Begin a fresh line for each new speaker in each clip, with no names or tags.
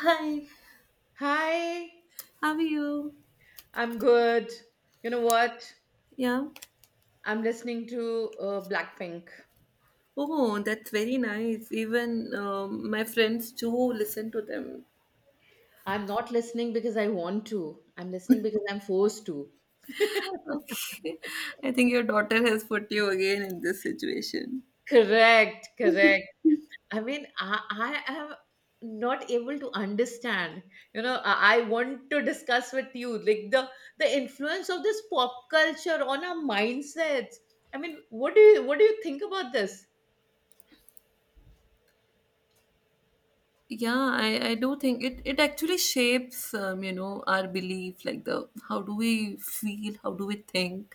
Hi,
Hi,
how are you?
I'm good. You know what?
Yeah.
I'm listening to Blackpink.
Oh, that's very nice. Even my friends too listen to them.
I'm not listening because I want to. I'm listening because I'm forced to.
Okay. I think your daughter has put you again in this situation.
Correct, correct. I mean, I am not able to understand. You know, I want to discuss with you like the influence of this pop culture on our mindsets. I mean, what do you think about this?
Yeah, I do think it actually shapes, you know, our belief, like the how do we feel, how do we think.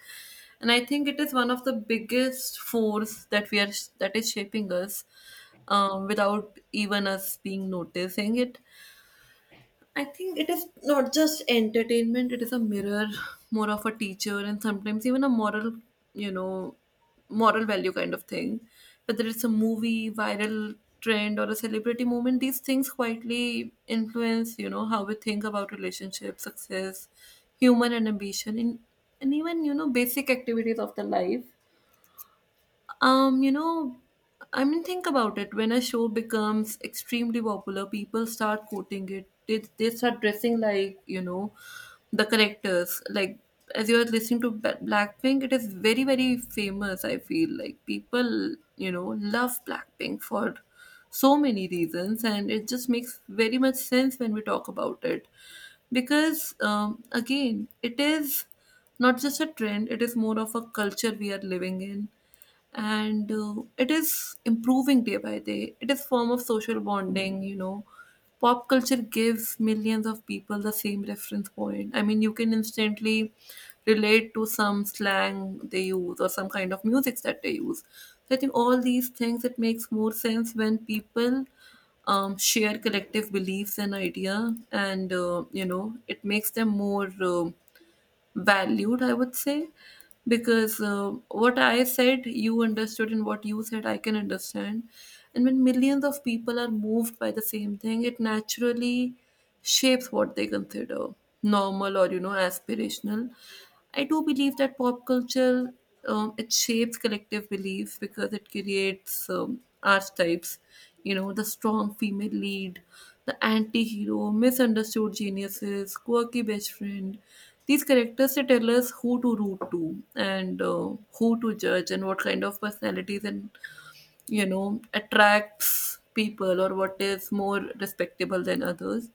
And I think it is one of the biggest force that we are that is shaping us without even us being noticing it. I think it is not just entertainment, it is a mirror, more of a teacher, and sometimes even a moral, you know, moral value kind of thing. Whether it's a movie, viral trend, or a celebrity moment, these things quietly influence, you know, how we think about relationships, success, human and ambition, and even, you know, basic activities of the life. Um, you know, I mean, think about it. When a show becomes extremely popular, people start quoting it. They start dressing like, you know, the characters. Like, as you're listening to Blackpink, it is very, very famous, I feel. Like, people, you know, love Blackpink for so many reasons, and it just makes very much sense when we talk about it. Because, again, it is not just a trend, it is more of a culture we are living in and it is improving day by day. It is form of social bonding, you know, pop culture gives millions of people the same reference point. I mean, you can instantly relate to some slang they use or some kind of music that they use. So I think all these things it makes more sense when people share collective beliefs and idea, and you know, it makes them more valued, I would say, because what I said, you understood, and what you said, I can understand. And when millions of people are moved by the same thing, it naturally shapes what they consider normal or, you know, aspirational. I do believe that pop culture, it shapes collective beliefs because it creates archetypes, you know, the strong female lead, the anti hero, misunderstood geniuses, quirky best friend. These characters they tell us who to root to, and who to judge, and what kind of personalities and you know attracts people, or what is more respectable than others.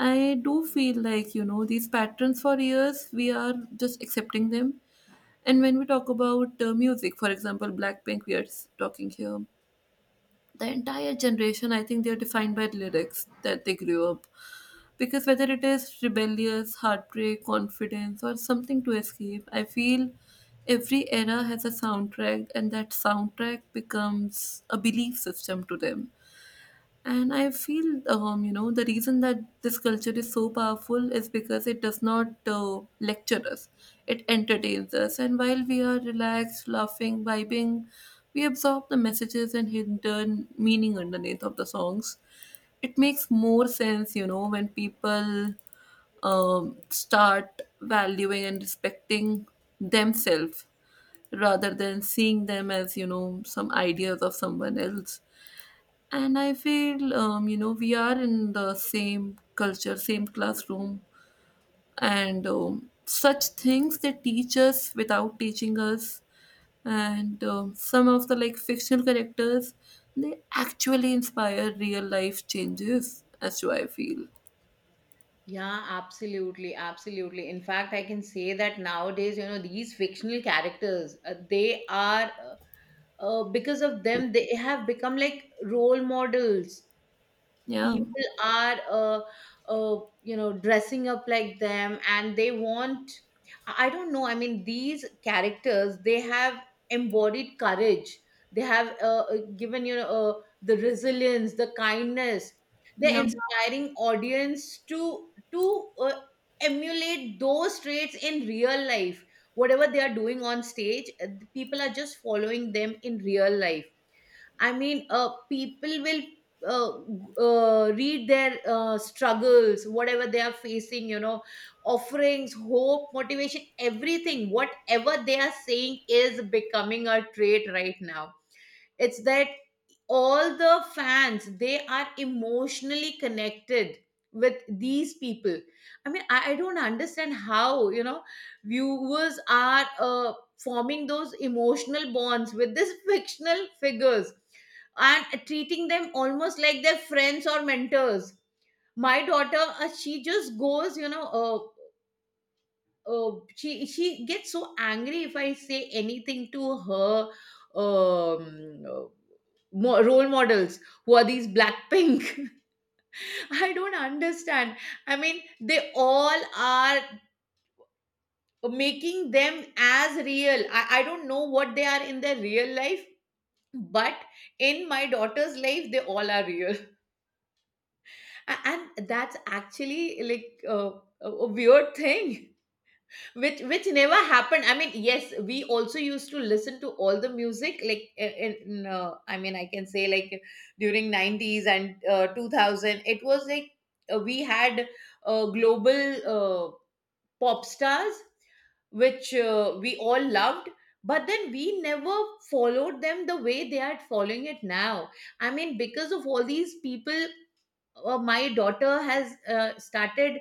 I do feel like, you know, these patterns for years, we are just accepting them. And when we talk about music, for example, Blackpink, we are talking here the entire generation. I think they're defined by lyrics that they grew up, because whether it is rebellious heartbreak, confidence, or something to escape, I feel every era has a soundtrack, and that soundtrack becomes a belief system to them. And I feel, you know, the reason that this culture is so powerful is because it does not lecture us, it entertains us. And while we are relaxed, laughing, vibing, we absorb the messages and hidden meaning underneath of the songs. It makes more sense, you know, when people start valuing and respecting themselves rather than seeing them as, you know, some ideas of someone else. And I feel, you know, we are in the same culture, same classroom, and such things they teach us without teaching us. And some of the like fictional characters, they actually inspire real life changes, as do I feel.
Yeah, absolutely, absolutely. In fact, I can say that nowadays, you know, these fictional characters, they are because of them, they have become like role models.
Yeah,
People are you know, dressing up like them, and they want— I don't know. I mean, these characters, they have embodied courage, they have given, you know, the resilience, the kindness. They're
yeah,
inspiring audience to to uh, emulate those traits in real life. Whatever they are doing on stage, people are just following them in real life. I mean, people will read their struggles, whatever they are facing, you know, offerings, hope, motivation, everything, whatever they are saying is becoming a trait right now. It's that all the fans, they are emotionally connected with these people. I mean, I don't understand how, you know, viewers are forming those emotional bonds with these fictional figures and treating them almost like their friends or mentors. My daughter, she just goes, you know, oh, she gets so angry if I say anything to her. um uh, Role models— who are these Blackpink? I don't understand. I mean, they all are making them as real. I don't know what they are in their real life, but in my daughter's life, they all are real. And that's actually like a weird thing which never happened. I mean, yes, we also used to listen to all the music, like in I mean, I can say like during 90s and 2000, it was like we had global pop stars which we all loved, but then we never followed them the way they are following it now. I mean, because of all these people, my daughter has started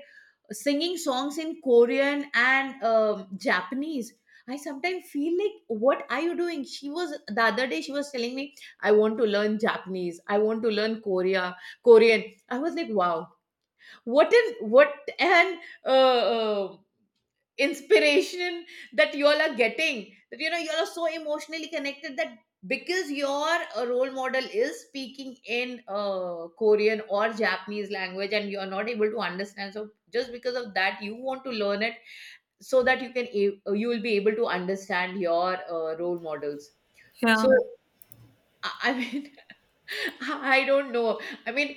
singing songs in Korean and Japanese. I sometimes feel like, what are you doing? She was the other day. She was telling me, I want to learn Japanese. I want to learn Korean. I was like, wow, what is what an uh, uh, inspiration that you all are getting, that you know, you all are so emotionally connected that because your role model is speaking in Korean or Japanese language and you are not able to understand, so just because of that you want to learn it, so that you can you will be able to understand your role models.
yeah.
So I mean, I don't know. I mean,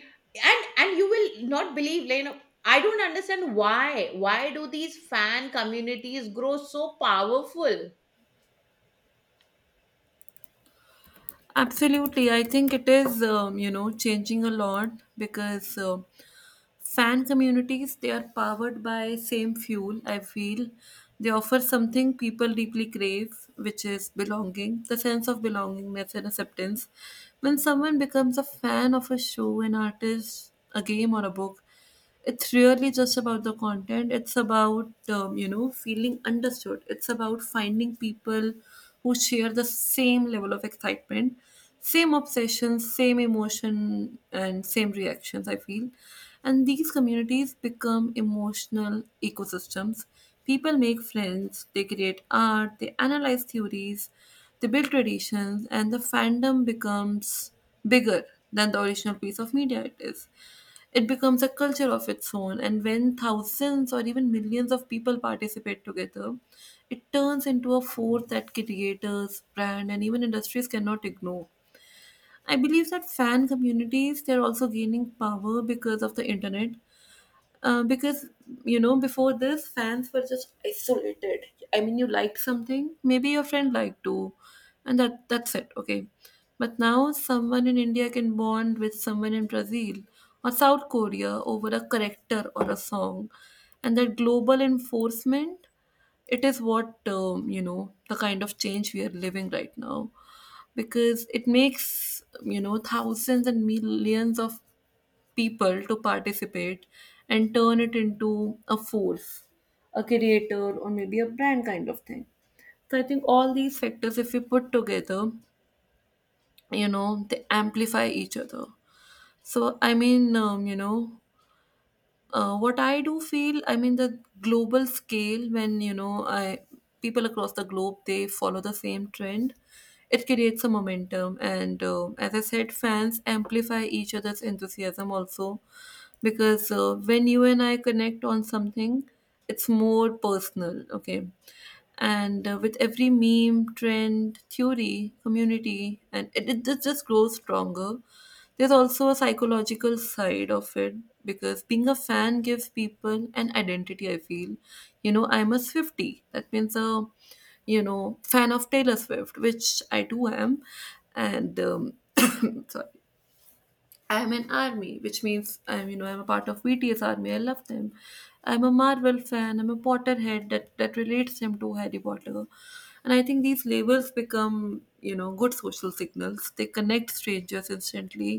and you will not believe, like, you know, I don't understand why. Why do these fan communities grow so powerful?
Absolutely. I think it is, you know, changing a lot because fan communities they are powered by same fuel, I feel. They offer something people deeply crave, which is belonging, the sense of belongingness and acceptance. When someone becomes a fan of a show, an artist, a game, or a book, it's really just about the content. It's about, you know, feeling understood. It's about finding people who share the same level of excitement, same obsessions, same emotion, and same reactions, I feel. And these communities become emotional ecosystems. People make friends, they create art, they analyze theories, they build traditions, and the fandom becomes bigger than the original piece of media it is. It becomes a culture of its own, and when thousands or even millions of people participate together, it turns into a force that creators, brand, and even industries cannot ignore. I believe that fan communities they're also gaining power because of the internet, because you know before this fans were just isolated. I mean, you liked something, maybe your friend liked too, and that's it, okay? But now someone in India can bond with someone in Brazil or South Korea over a character or a song, and that global enforcement, it is what, you know, the kind of change we are living right now, because it makes you know thousands and millions of people to participate and turn it into a force, a creator or maybe a brand kind of thing. So I think all these factors if we put together, you know, they amplify each other. So I mean, what I do feel, I mean, the global scale, when you know, I people across the globe they follow the same trend, it creates a momentum, and as I said, fans amplify each other's enthusiasm also, because when you and I connect on something, it's more personal, okay? And with every meme, trend, theory, community, and it just grows stronger. There's also a psychological side of it, because being a fan gives people an identity, I feel. You know, I'm a Swifty. That means a, you know, fan of Taylor Swift, which I too am. And sorry, I'm an army, which means I'm you know I'm a part of BTS army. I love them. I'm a Marvel fan. I'm a Potterhead, that that relates him to Harry Potter, and I think these labels become you know good social signals. They connect strangers instantly,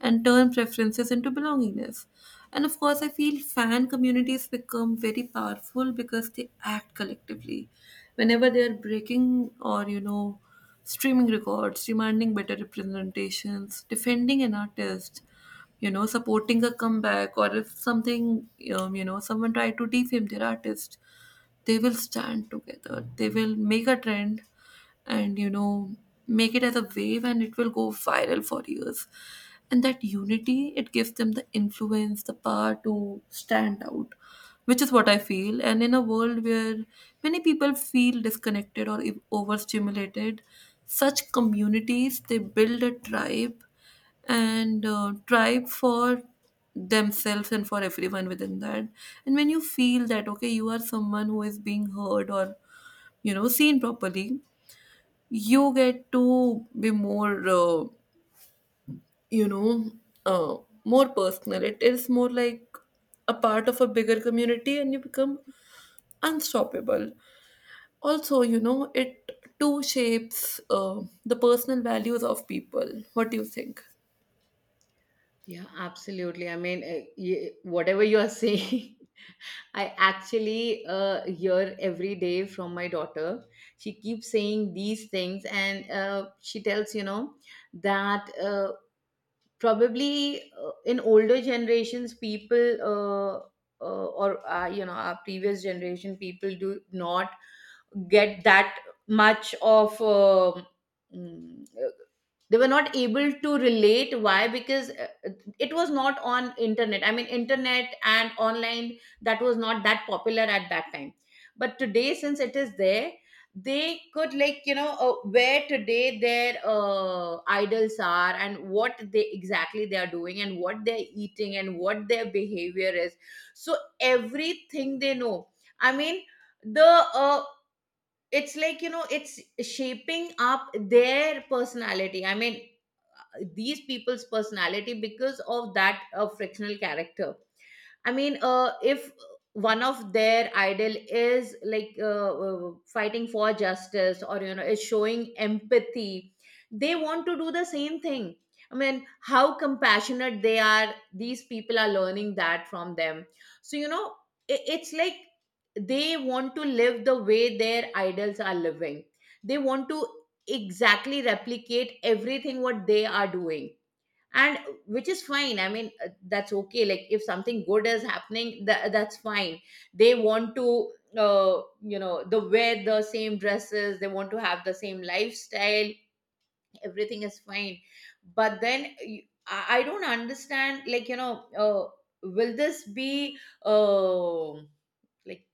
and turn preferences into belongingness. And of course, I feel fan communities become very powerful because they act collectively. Whenever they are breaking or you know streaming records, demanding better representations, defending an artist, you know, supporting a comeback, or if something, you know, someone tried to defame their artist, they will stand together. They will make a trend and, you know, make it as a wave and it will go viral for years. And that unity, it gives them the influence, the power to stand out, which is what I feel. And in a world where many people feel disconnected or overstimulated, such communities they build a tribe, and tribe for themselves and for everyone within that. And when you feel that okay, you are someone who is being heard or you know seen properly, you get to be more you know uh, more personal. It is more like a part of a bigger community and you become unstoppable. Also, you know, it too shapes the personal values of people. What do you think?
Yeah, absolutely. I mean, whatever you are saying, I actually hear every day from my daughter. She keeps saying these things, and she tells, you know, that. Probably in older generations, people or you know, our previous generation people do not get that much of mm, they were not able to relate, why, because it was not on internet. I mean, internet and online, that was not that popular at that time, but today, since it is there, they could, like, you know, where today their idols are and what they exactly they are doing and what they're eating and what their behavior is, so everything they know. I mean, the uh, it's like, you know, it's shaping up their personality. I mean, these people's personality, because of that frictional character. I mean, if one of their ideal is like fighting for justice or, you know, is showing empathy, they want to do the same thing. I mean, how compassionate they are. These people are learning that from them. So, you know, I it's like they want to live the way their idols are living. They want to exactly replicate everything what they are doing, and which is fine. I mean, that's okay, like, if something good is happening, that's fine. They want to you know, the wear the same dresses, they want to have the same lifestyle, everything is fine. But then, I don't understand, like, you know, will this be uh, like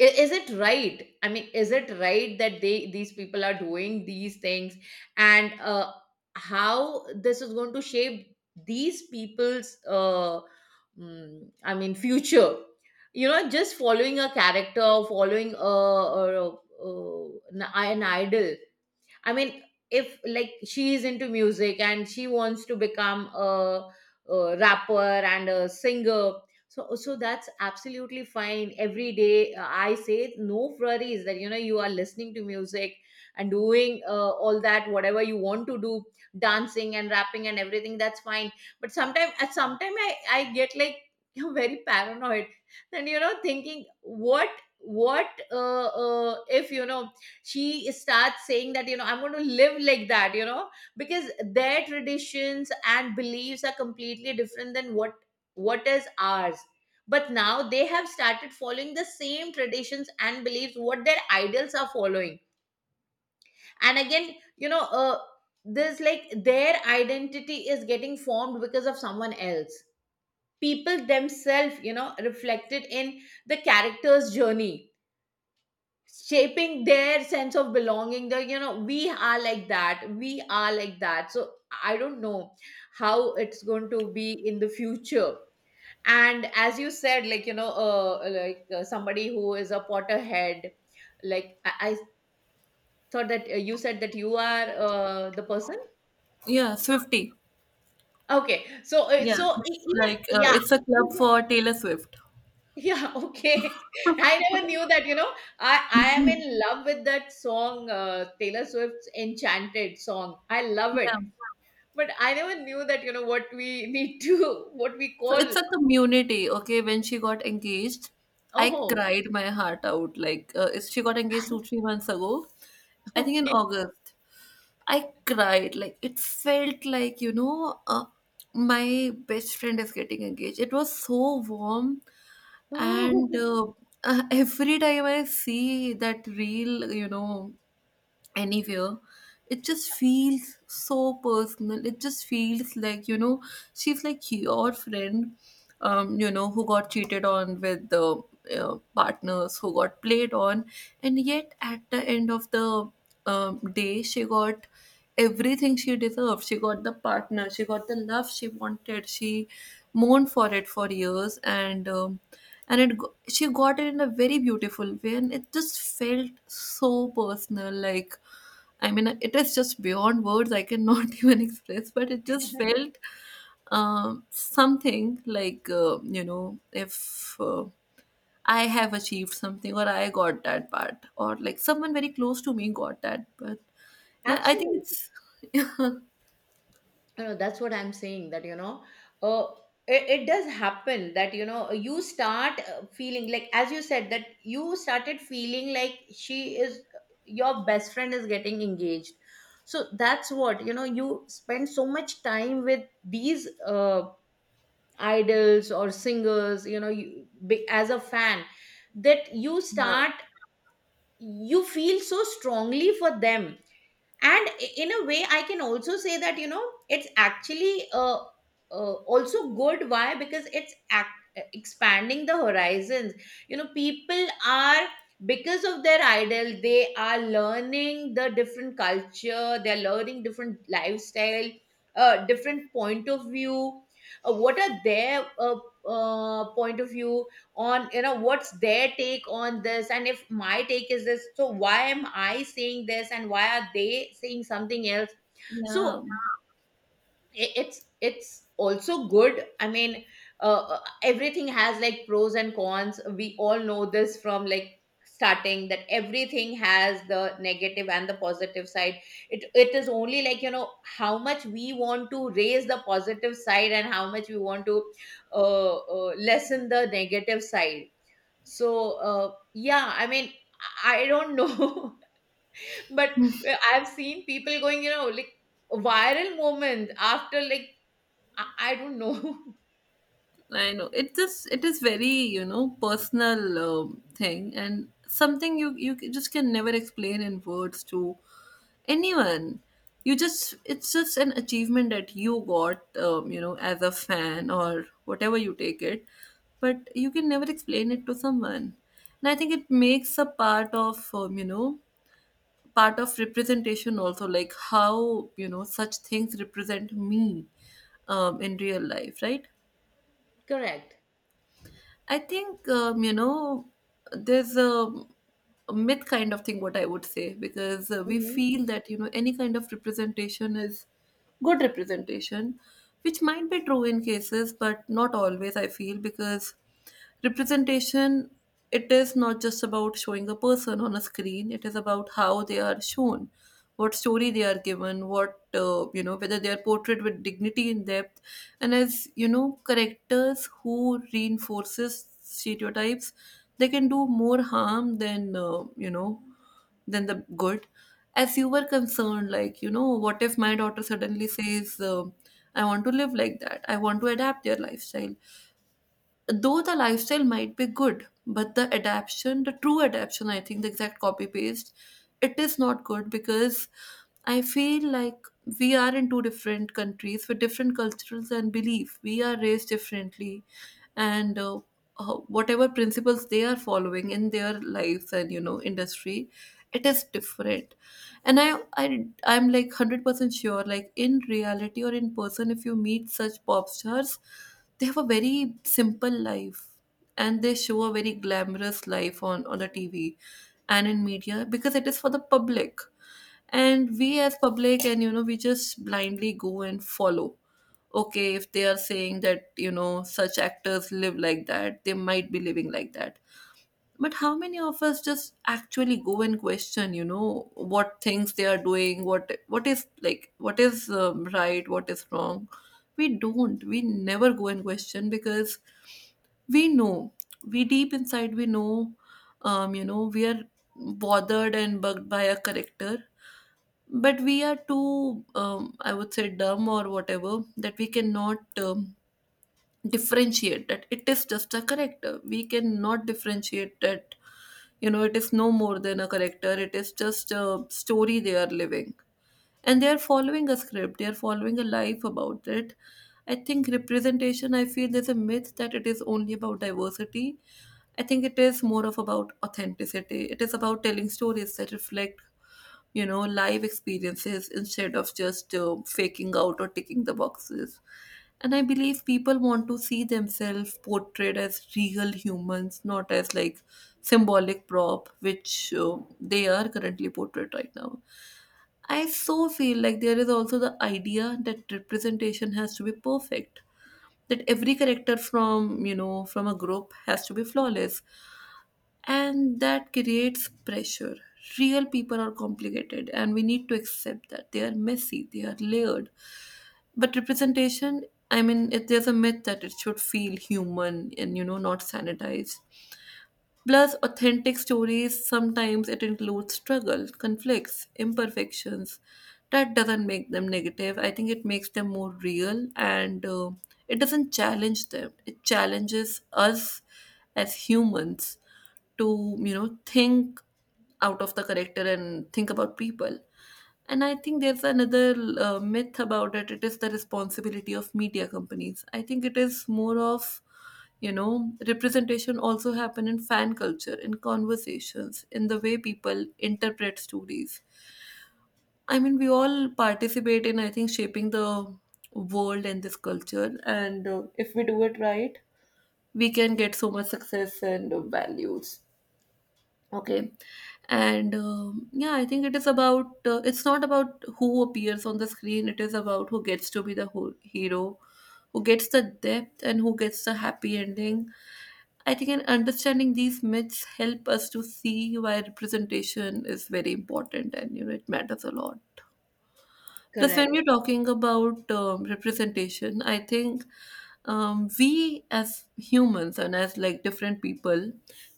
is it right? I mean, is it right that they these people are doing these things, and how this is going to shape these people's I mean, future, you know, just following a character, following a, an idol. I mean, if, like, she is into music and she wants to become a rapper and a singer, so that's absolutely fine. Every day, I say, no worries that, you know, you are listening to music and doing all that, whatever you want to do, dancing and rapping and everything. That's fine. But sometimes, at sometime, I get, like, very paranoid and, you know, thinking what if, you know, she starts saying that, you know, I'm going to live like that, you know, because their traditions and beliefs are completely different than what is ours. But now they have started following the same traditions and beliefs what their idols are following. And again, you know, this, like, their identity is getting formed because of someone else. People themselves, you know, reflected in the character's journey, shaping their sense of belonging. The, you know, we are like that, we are like that, so I don't know how it's going to be in the future. And as you said, like, you know, somebody who is a potterhead, like I thought that you said that you are the person.
Yeah, Swifty.
Okay, so
Yeah, it's
even,
like
yeah.
it's a club for Taylor Swift.
Yeah, okay. I never knew that, you know. I am
Mhm.
in love with that song, Taylor Swift's Enchanted song. I love it.
Yeah.
But I never knew that, you know, what we need to, what we
So it's
call.
a community, okay? When she got engaged, I
Oh,
cried my heart out. Like, she got engaged two, three months ago, I think in
okay.
August. I cried. Like it felt like you know, my best friend is getting engaged. It was so warm, and
Oh,
every time I see that reel, you know, anywhere, it just feels so personal. It just feels like, you know, she's like your friend, you know, who got cheated on with the partners, who got played on, and yet at the end of the day she got everything she deserved. She got the partner, she got the love she wanted, she mourned for it for years, and she got it in a very beautiful way, and it just felt so personal, like, I mean, it is just beyond words. I cannot even express, but it just felt something like, you know, if I have achieved something, or I got that part, or like someone very close to me got that. But yeah, I think
absolutely.
it's yeah.
That's what I'm saying, that you know, uh, it, it does happen that, you know, you start feeling like, as you said, that you started feeling like she is— your best friend is getting engaged. So that's what, you know, you spend so much time with these idols or singers, you know, as a fan, that you start— you feel so strongly for them. And in a way, I can also say that, you know, it's actually also good, why, because it's expanding the horizons. You know, people are, because of their idol, they are learning the different culture, they're learning different lifestyle, different point of view, what are their point of view on, you know, what's their take on this, and if my take is this, so why am I saying this and why are they saying something else.
Yeah,
So it's also good. I mean, everything has like pros and cons, we all know this from, like, starting, that everything has the negative and the positive side. It is only, like, you know, how much we want to raise the positive side and how much we want to lessen the negative side. So, yeah, I mean, I don't know, but I've seen people going, you know, like, viral moment after, like, I don't know.
I know, it just it is very you know personal thing, and something you you just can never explain in words to anyone. You just it's just an achievement that you got, you know, as a fan or whatever you take it, but you can never explain it to someone. And I think it makes a part of, you know, part of representation also, like how you know such things represent me in real life, right?
Correct.
I think there's a myth kind of thing what I would say because we
Mhm.
feel that you know any kind of representation is good representation, which might be true in cases but not always. I feel, because representation, it is not just about showing a person on a screen, it is about how they are shown, what story they are given, what whether they are portrayed with dignity and depth, and as you know characters who reinforces stereotypes, they can do more harm than than the good. As you were concerned, like you know, what if my daughter suddenly says I want to live like that, I want to adapt their lifestyle. Though the lifestyle might be good, but the adaptation, the true adaptation, I think the exact copy paste, it is not good, because I feel like we are in two different countries with different cultures and belief, we are raised differently. And whatever principles they are following in their lives and you know industry, it is different. And I I'm like 100% sure, like in reality or in person if you meet such pop stars, they have a very simple life, and they show a very glamorous life on the TV and in media, because it is for the public. And we as public, and you know, we just blindly go and follow, okay, if they are saying that you know such actors live like that, they might be living like that. But how many of us just actually go and question, you know, what things they are doing, what is like, what is right, what is wrong? We don't. We never go and question, because we know, we deep inside we know, we are bothered and bugged by a character, but we are too, I would say, dumb or whatever, that we cannot. Differentiate that it is just a character, we cannot differentiate that, you know, it is no more than a character, it is just a story they are living. And they are following a script, they are following a life about it. I think representation, I feel there's a myth that it is only about diversity. I think it is more of about authenticity. It is about telling stories that reflect, you know, live experiences instead of just faking out or ticking the boxes. And I believe people want to see themselves portrayed as real humans, not as like symbolic prop, which they are currently portrayed right now. I so feel like there is also the idea that representation has to be perfect, that every character from you know from a group has to be flawless, and that creates pressure. Real people are complicated, and we need to accept that they are messy, they are layered. But representation, I mean it, there's a myth that it should feel human and you know not sanitized. Plus, authentic stories sometimes it includes struggle, conflicts, imperfections. That doesn't make them negative, I think it makes them more real. And it doesn't challenge them, it challenges us as humans to, you know, think out of the character and think about people. And I think there's another myth about it, it is the responsibility of media companies. I think it is more of, you know, representation also happen in fan culture, in conversations, in the way people interpret stories. I mean we all participate in, I think, shaping the world and this culture. And if we do it right, we can get so much success and values. Okay. And yeah, I think it is about it's not about who appears on the screen, it is about who gets to be the hero, who gets the depth, and who gets the happy ending. I think in understanding these myths help us to see why representation is very important, and you know it matters a lot. Plus, when
Correct.
we're talking about representation, I think we as humans and as like different people,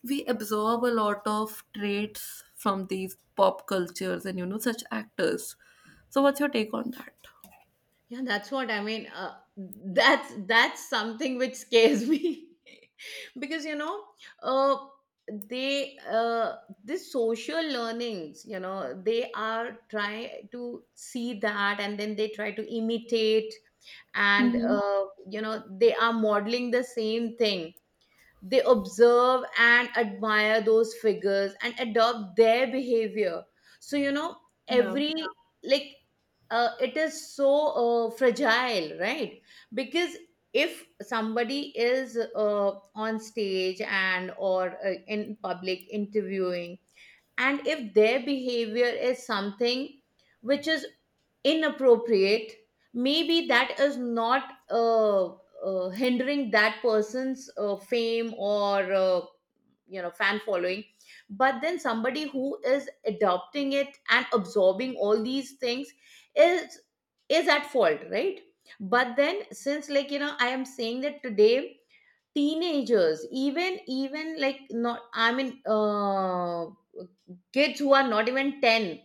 we absorb a lot of traits from these pop cultures and you know such actors. So, what's your take on that?
Yeah, that's what I mean. That's something which scares me, because, you know, uh, they this social learnings. You know, they are try to see that, and then they try to imitate, and
Mm-hmm.
you know, they are modeling the same thing. They observe and admire those figures and adopt their behavior, so you know,
Yeah,
every, like, it is so fragile, right? Because if somebody is on stage, and or in public interviewing, and if their behavior is something which is inappropriate, maybe that is not uh, hindering that person's fame or you know, fan following, but then somebody who is adopting it and absorbing all these things is is at fault, right? But then, since, like, you know, I am saying that today teenagers, even like, not I mean kids who are not even 10,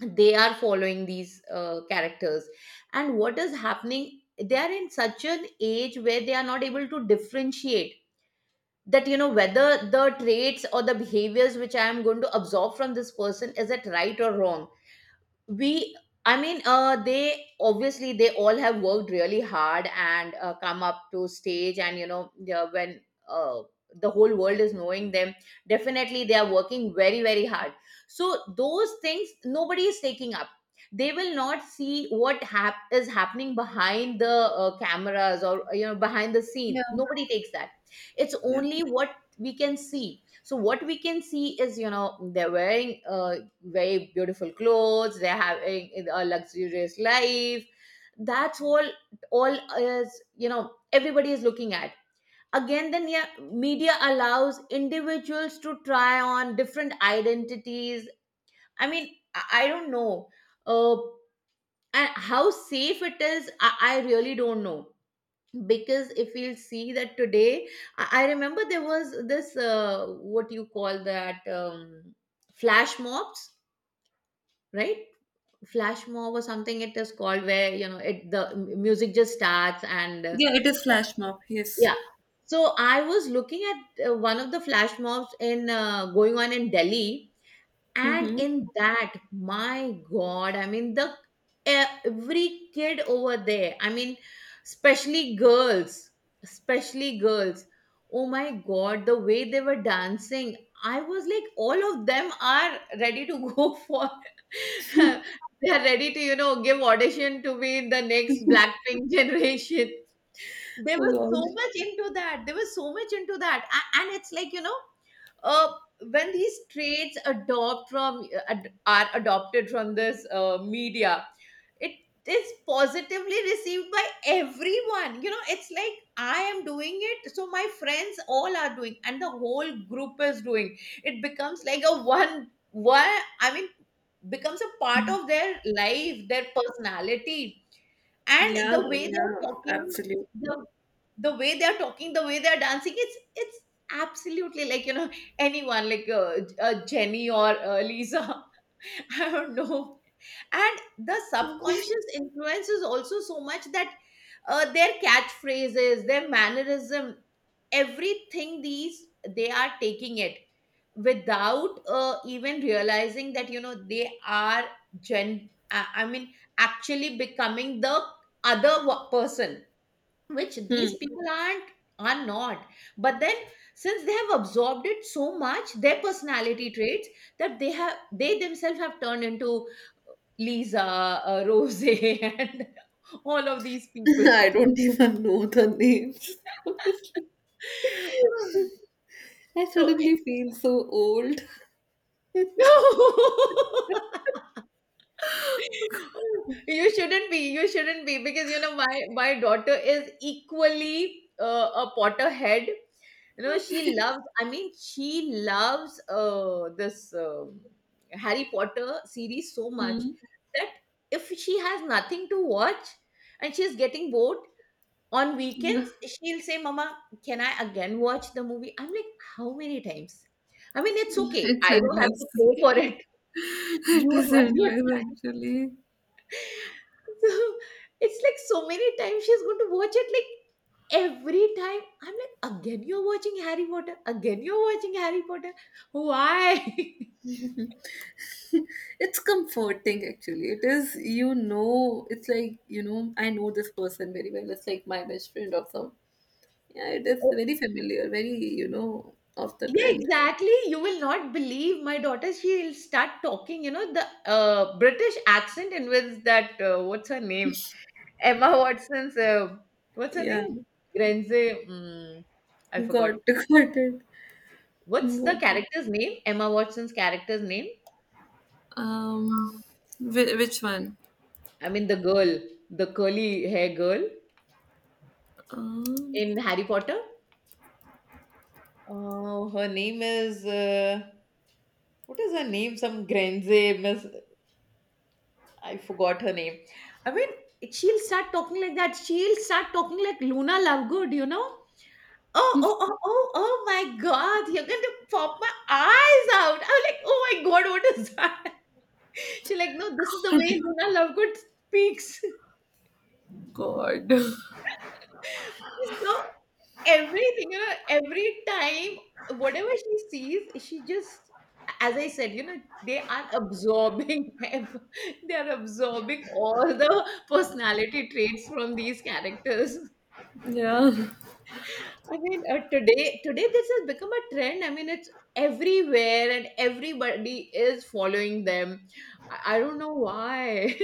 they are following these characters. And what is happening, they are in such an age where they are not able to differentiate that, you know, whether the traits or the behaviors which I am going to absorb from this person, is it right or wrong? We I mean they obviously, they all have worked really hard and come up to stage, and you know, yeah, when uh, the whole world is knowing them, definitely they are working very very hard. So those things nobody is taking up. They will not see what is happening behind the cameras, or you know, behind the scene. Nobody takes that. It's only what we can see. So what we can see is, you know, they're wearing very beautiful clothes, they're having a luxurious life. That's all. All is, you know, everybody is looking at. Again then, yeah, media allows individuals to try on different identities. I mean, I don't know, uh and how safe it is, I really don't know. Because if you'll see that today, I remember there was this what you call that, flash mobs, right? Flash mob or something it is called, where, you know, it the music just starts and
yeah, it is flash mob. Yes.
yeah. So I was looking at one of the flash mobs in going on in Delhi, and
Mm-hmm.
in that, my God, I mean, the every kid over there, I mean especially girls, especially girls, oh my God, the way they were dancing, I was like, all of them are ready to go for, they are ready to, you know, give audition to be the next Blackpink generation. They
Oh
were
God.
so much into that. They were so much into that. And it's like, you know, uh, when these traits adopt from are adopted from this media, it is positively received by everyone. You know, it's like, I am doing it, so my friends all are doing, and the whole group is doing. It becomes like a one, I mean, becomes a part of their life, their personality, and
Yeah,
the way they're
yeah,
talking.
absolutely.
The the way they're talking, the way they're dancing, it's absolutely like, you know, anyone like Jenny or Lisa. I don't know. And the
Hmm.
subconscious influence is also so much that their catchphrases, their mannerism, everything, these they are taking it, without even realizing that, you know, they are, gen, I mean, actually becoming the other person, which these people are not. But then, since they have absorbed it so much, their personality traits that they have, they themselves have turned into uh, Lisa, Rose, and all of these people.
I don't even know the names, honestly. I suddenly feel so old.
So you shouldn't be, because you know, my daughter is equally a potterhead. You know,
Okay.
she loves, I mean, she loves this Harry Potter series so much
Hmm.
that if she has nothing to watch and she's getting bored, on
No,
weekends she'll say, mama, can I again watch the movie? I'm like, how many times? I mean, it's okay,
it's
I don't have
endless.
to pay for it.
It
You
is
have your
endless, actually.
so it's like, so many times she's going to watch it. Like every time, I'm like, again you're watching Harry Potter. Again you're watching Harry Potter. Why?
It's comforting actually. It is, you know, it's like, you know, I know this person very well. It's like my best friend or some. Yeah, it is
Oh,
very familiar, very, you know, off the
yeah,
trend.
exactly. You will not believe my daughter. She'll start talking, you know, the British accent, and with that, what's her name? Emma Watson's, what's her
Yeah,
name? Grenze. Mm, I forgot.
got, got it.
What's the
Got it.
character's name? Emma Watson's character's name?
Um,
Um,
which one?
I mean, the girl, the curly hair girl
Um,
in Harry Potter. Oh, her name is, what is her name? Some Grenze Miss. I forgot her name. I mean, she'll start talking like that. She'll start talking like Luna Lovegood, you know? Oh, oh, oh, oh, oh my God, you're going to pop my eyes out. I'm like, oh my God, what is that? She's like, no, this is the way
God.
Luna Lovegood speaks.
God.
It's so everything, you know, every time whatever she sees, she just, as I said, you know, they are absorbing, they are absorbing all the personality traits from these characters.
Yeah.
I mean, today this has become a trend. I mean, it's everywhere, and everybody is following them. I don't know why.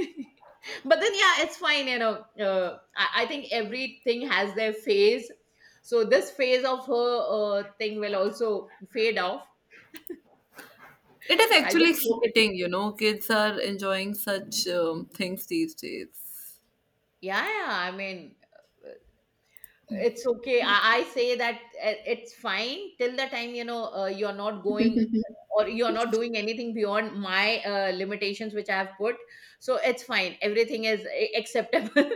But then, yeah, it's fine, you know. I think everything has their phase. So this phase of her thing will also fade off.
It is
I
actually
just hope it.
exciting, you know. Kids are enjoying such things these days.
Yeah, yeah. I mean, it's okay, I say that it's fine till the time, you know, you're not going, or you're not doing anything beyond my limitations which I have put. So it's fine. Everything is acceptable.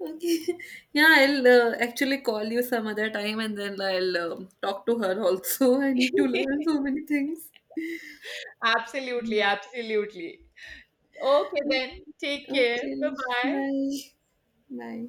Okay. Yeah, I'll actually call you some other time and then I'll talk to her also. I need to learn so many things.
Absolutely, absolutely. Okay, then, take care.
Okay.
Bye bye.
Bye. Bye.